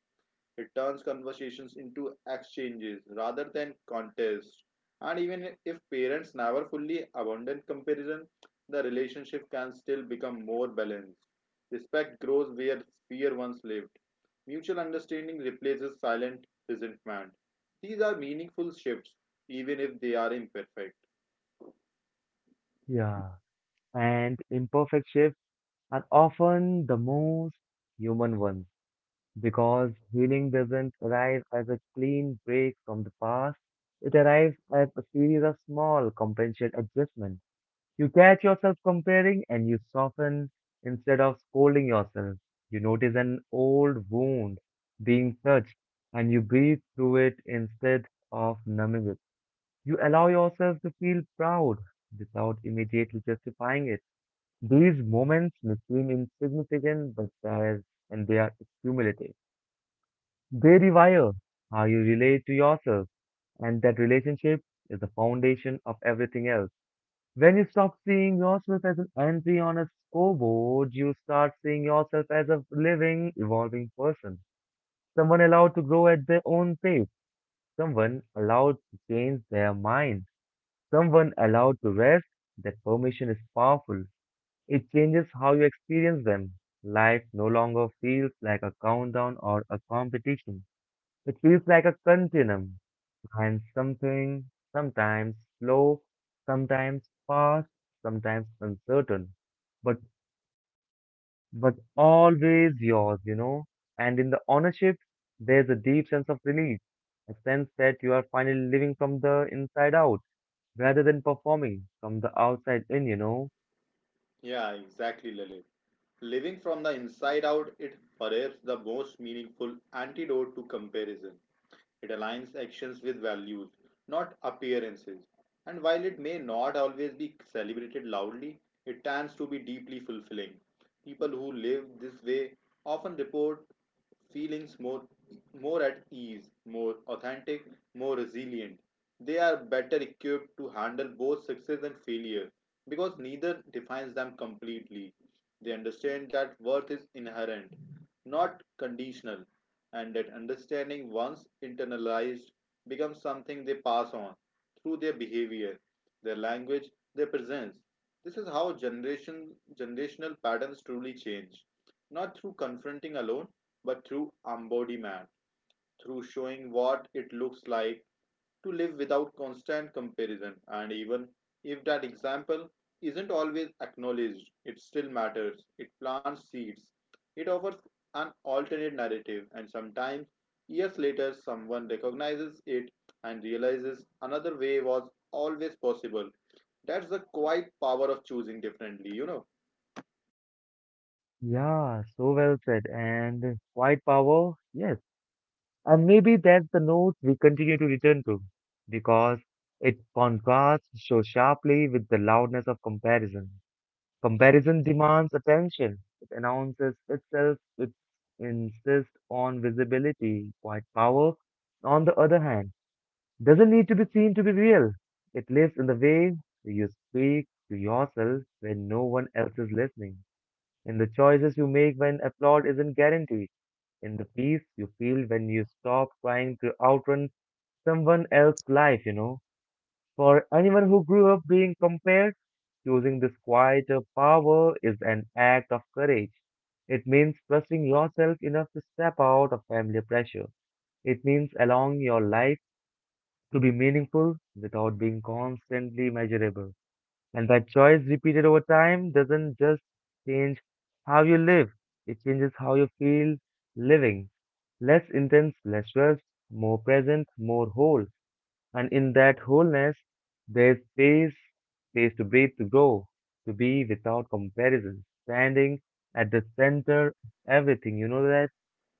[SPEAKER 2] It turns conversations into exchanges rather than contests. And even if parents never fully abandon comparison, the relationship can still become more balanced. Respect grows where fear once lived. Mutual understanding replaces silent resentment. These are meaningful shifts, even if they are imperfect.
[SPEAKER 1] Yeah, and imperfect shifts are often the most human ones because healing doesn't arrive as a clean break from the past. It arrives as a series of small compensate adjustments. You catch yourself comparing and you soften instead of scolding yourself. You notice an old wound being touched and you breathe through it instead of numbing it. You allow yourself to feel proud without immediately justifying it. These moments may seem insignificant, but there is, and they are cumulative. They rewire how you relate to yourself, and that relationship is the foundation of everything else. When you stop seeing yourself as an entry on a scoreboard, you start seeing yourself as a living, evolving person. Someone allowed to grow at their own pace. Someone allowed to change their mind. Someone allowed to rest. That permission is powerful. It changes how you experience them. Life no longer feels like a countdown or a competition. It feels like a continuum and something sometimes slow, sometimes fast, sometimes uncertain, but but always yours, you know. And in the ownership, there's a deep sense of relief, a sense that you are finally living from the inside out rather than performing from the outside in, you know.
[SPEAKER 2] Yeah, exactly, Lalit. Living from the inside out, it perhaps the most meaningful antidote to comparison. It aligns actions with values, not appearances. And while it may not always be celebrated loudly, it tends to be deeply fulfilling. People who live this way often report feelings more at ease, more authentic, more resilient. They are better equipped to handle both success and failure because neither defines them completely. They understand that worth is inherent, not conditional, and that understanding, once internalized, becomes something they pass on through their behavior, their language, their presence. This is how generational patterns truly change, not through confronting alone, but through embodiment, through showing what it looks like to live without constant comparison. And even if that example isn't always acknowledged, it still matters. It plants seeds. It offers an alternate narrative, and sometimes years later, someone recognizes it and realizes another way was always possible. That's the quiet power of choosing differently, you know.
[SPEAKER 1] Yeah, so well said. And quiet power, yes. And maybe that's the note we continue to return to, because it contrasts so sharply with the loudness of comparison. Comparison demands attention. It announces itself, it insists on visibility, quite power. On the other hand, doesn't need to be seen to be real. It lives in the way you speak to yourself when no one else is listening, in the choices you make when applaud isn't guaranteed in the peace you feel when you stop trying to outrun someone else's life, you know. For anyone who grew up being compared, choosing this quieter power is an act of courage. It means trusting yourself enough to step out of family pressure. It means allowing your life to be meaningful without being constantly measurable. And that choice repeated over time doesn't just change how you live, it changes how you feel living. Less intense, less rushed, more present, more whole. And in that wholeness, there's space, space to breathe, to grow, to be without comparison, standing at the center of everything. You know that?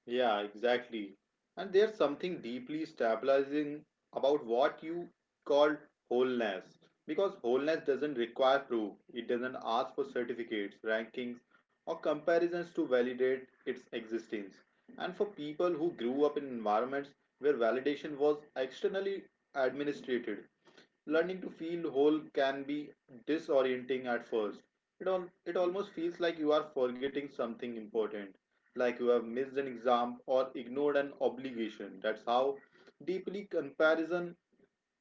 [SPEAKER 2] Yeah, exactly. And there's something deeply stabilizing about what you call wholeness. Because wholeness doesn't require proof, it doesn't ask for certificates, rankings, or comparisons to validate its existence. And for people who grew up in environments where validation was externally administrated, learning to feel whole can be disorienting at first. It almost feels like you are forgetting something important, like you have missed an exam or ignored an obligation. That's how deeply comparison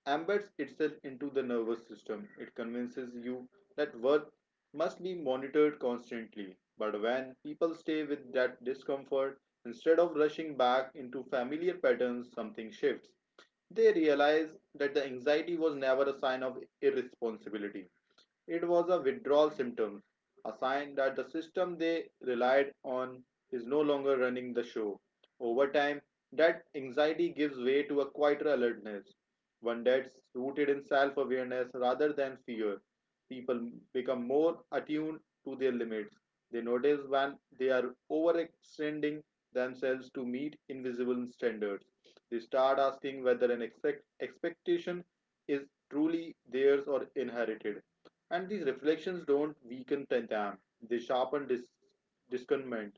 [SPEAKER 2] embeds itself into the nervous system. It convinces you that worth must be monitored constantly. But when people stay with that discomfort, instead of rushing back into familiar patterns, something shifts. They realize that the anxiety was never a sign of irresponsibility. It was a withdrawal symptom, a sign that the system they relied on is no longer running the show. Over time, that anxiety gives way to a quieter alertness, one that's rooted in self awareness rather than fear. People become more attuned to their limits. They notice when they are overextending themselves to meet invisible standards. They start asking whether an expectation is truly theirs or inherited. And these reflections don't weaken them; they sharpen discernment.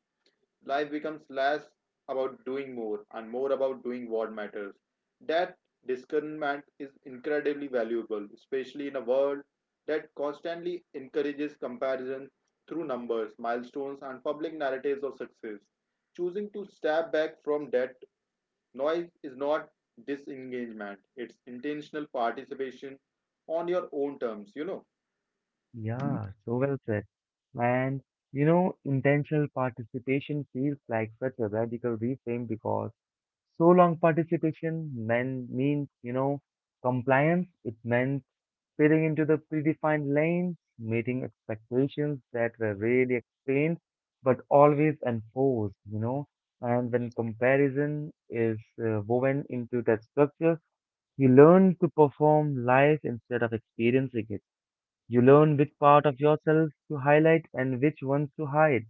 [SPEAKER 2] Life becomes less about doing more and more about doing what matters. That discernment is incredibly valuable, especially in a world that constantly encourages comparison through numbers, milestones, and public narratives of success. Choosing to step back from that noise is not disengagement, it's intentional participation on your own terms.
[SPEAKER 1] Yeah, so well said. And you know, intentional participation feels like such a radical reframe because so long participation meant, means, you know, compliance. It meant fitting into the predefined lanes, meeting expectations that were rarely explained but always enforced, you know. And when comparison is woven into that structure, you learn to perform life instead of experiencing it. You learn which part of yourself to highlight and which ones to hide.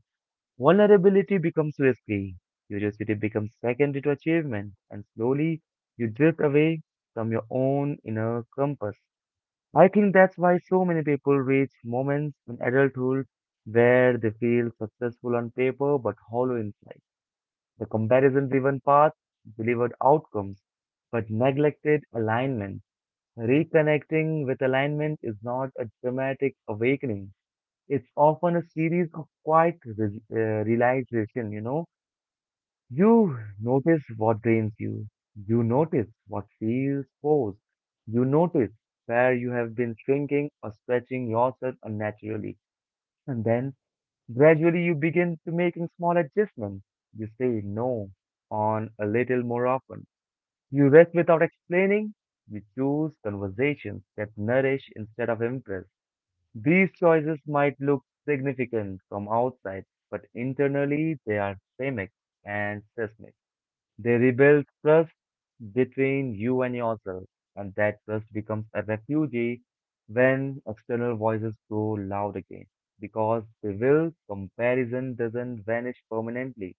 [SPEAKER 1] Vulnerability becomes risky, curiosity becomes secondary to achievement, and slowly you drift away from your own inner compass. I think that's why so many people reach moments in adulthood where they feel successful on paper but hollow inside. The comparison driven path delivered outcomes but neglected alignment. Reconnecting with alignment is not a dramatic awakening. It's often a series of quiet realization, you know you notice what drains you. You notice what feels forced. You notice where you have been shrinking or stretching yourself unnaturally. And then gradually you begin to making small adjustments. You say no on a little more often. You rest without explaining. You choose conversations that nourish instead of impress. These choices might look significant from outside, but internally they are systemic and seismic. They rebuild trust between you and yourself, and that trust becomes a refugee when external voices grow loud again. Because they will, comparison doesn't vanish permanently.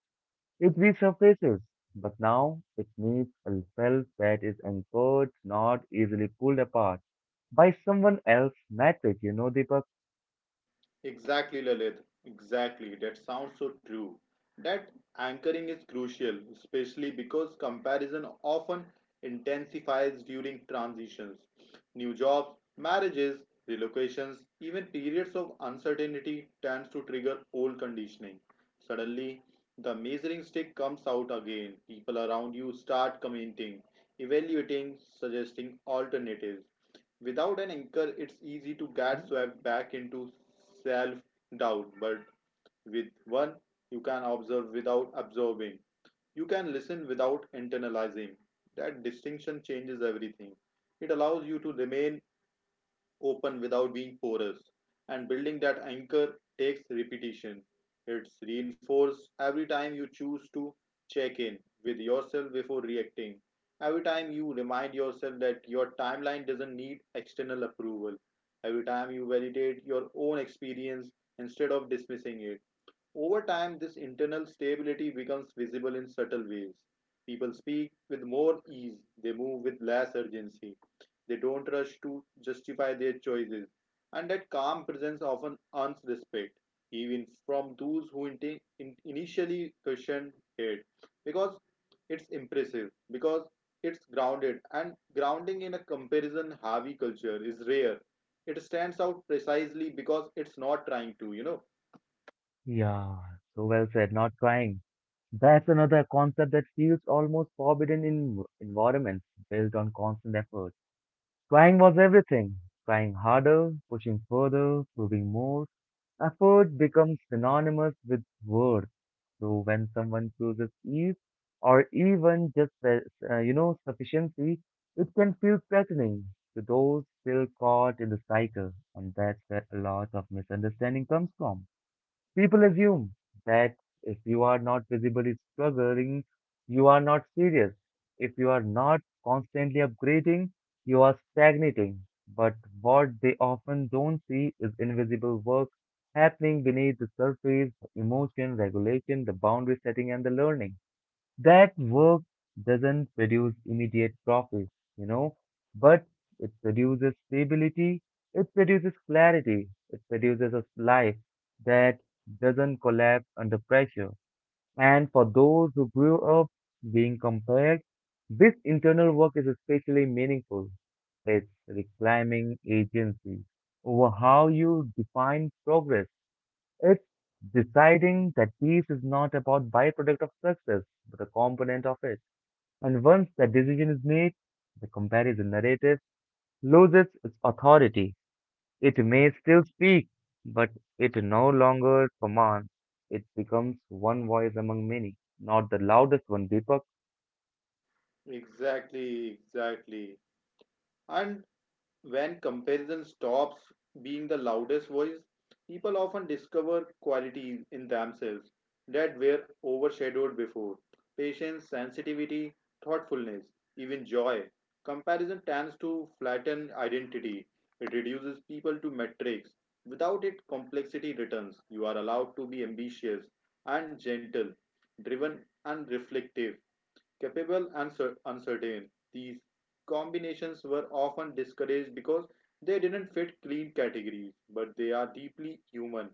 [SPEAKER 1] It resurfaces, but now it needs a self that is anchored, not easily pulled apart by someone else's metric, you know, Deepak.
[SPEAKER 2] Exactly, Lalit. Exactly. That sounds so true. That anchoring is crucial, especially because comparison often intensifies during transitions. New jobs, marriages, relocations, even periods of uncertainty tends to trigger old conditioning. Suddenly, the measuring stick comes out again. People around you start commenting, evaluating, suggesting alternatives. Without an anchor, it's easy to get swept back into self doubt, but with one, you can observe without absorbing. You can listen without internalizing. That distinction changes everything. It allows you to remain open without being porous. And building that anchor takes repetition. It's reinforced every time you choose to check in with yourself before reacting. Every time you remind yourself that your timeline doesn't need external approval. Every time you validate your own experience instead of dismissing it. Over time, this internal stability becomes visible in subtle ways. People speak with more ease, they move with less urgency, they don't rush to justify their choices, and that calm presence often earns respect, even from those who initially questioned it, because it's impressive, because it's grounded, and grounding in a comparison heavy culture is rare. It stands out precisely because it's not trying to.
[SPEAKER 1] Yeah, so well said, not trying. That's another concept that feels almost forbidden in environments built on constant effort. Trying was everything. Trying harder, pushing further, proving more. Effort becomes synonymous with worth. So when someone chooses ease or even just, you know, sufficiency, it can feel threatening to those still caught in the cycle. And that's where a lot of misunderstanding comes from. People assume that if you are not visibly struggling, you are not serious. If you are not constantly upgrading, you are stagnating. But what they often don't see is invisible work happening beneath the surface, emotion regulation, the boundary setting, and the learning. That work doesn't produce immediate profit, you know, but it produces stability, it produces clarity, it produces a life that doesn't collapse under pressure. And for those who grew up being compared, this internal work is especially meaningful. It's reclaiming agency over how you define progress. It's deciding that peace is not about byproduct of success, but a component of it. And once that decision is made, the comparison narrative loses its authority. It may still speak, but it no longer commands. It becomes one voice among many, not the loudest one, Deepak.
[SPEAKER 2] Exactly, exactly. And when comparison stops being the loudest voice, people often discover qualities in themselves that were overshadowed before. Patience, sensitivity, thoughtfulness, even joy. Comparison tends to flatten identity. It reduces people to metrics. Without it, complexity returns. You are allowed to be ambitious and gentle, driven and reflective capable and uncertain. These combinations were often discouraged because they didn't fit clean categories, but they are deeply human.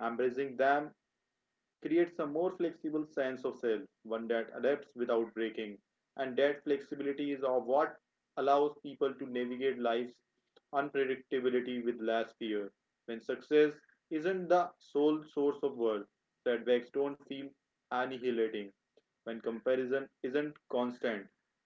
[SPEAKER 2] Embracing them creates a more flexible sense of self, one that adapts without breaking, and that flexibility is of what allows people to navigate life's unpredictability with less fear. When success isn't the sole source of worth, setbacks don't feel annihilating. When comparison isn't constant,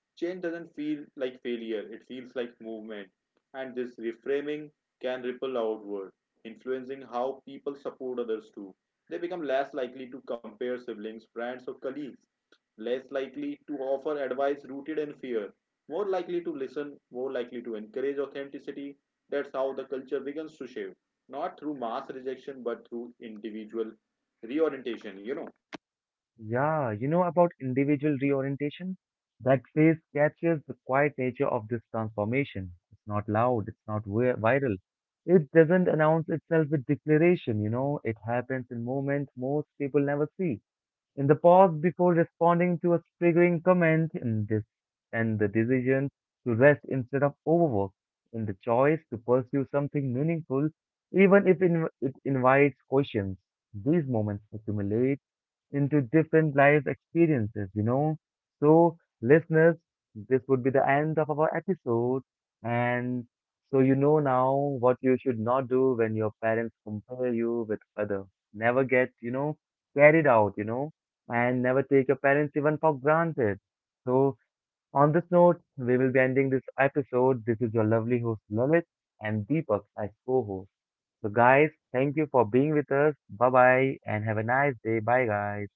[SPEAKER 2] change doesn't feel like failure, it feels like movement. And this reframing can ripple outward, influencing how people support others too. They become less likely to compare siblings, friends, or colleagues, less likely to offer advice rooted in fear, more likely to listen, more likely to encourage authenticity. That's how the culture begins to shape, not through mass rejection, but through individual reorientation.
[SPEAKER 1] Yeah, you know about individual reorientation? That phase captures the quiet nature of this transformation. It's not loud, it's not viral. It doesn't announce itself with declaration, you know, it happens in moments most people never see. In the pause before responding to a triggering comment, in this, and the decision to rest instead of overwork, in the choice to pursue something meaningful, even if in, it invites questions, these moments accumulate into different life experiences, you know. So, listeners, this would be the end of our episode. And so, you know now what you should not do when your parents compare you with other. Never get, you know, carried out, you know, and never take your parents even for granted. So, on this note, we will be ending this episode. This is your lovely host, Lalit, and Deepak as co host. So, guys, thank you for being with us. Bye bye, and have a nice day. Bye, guys.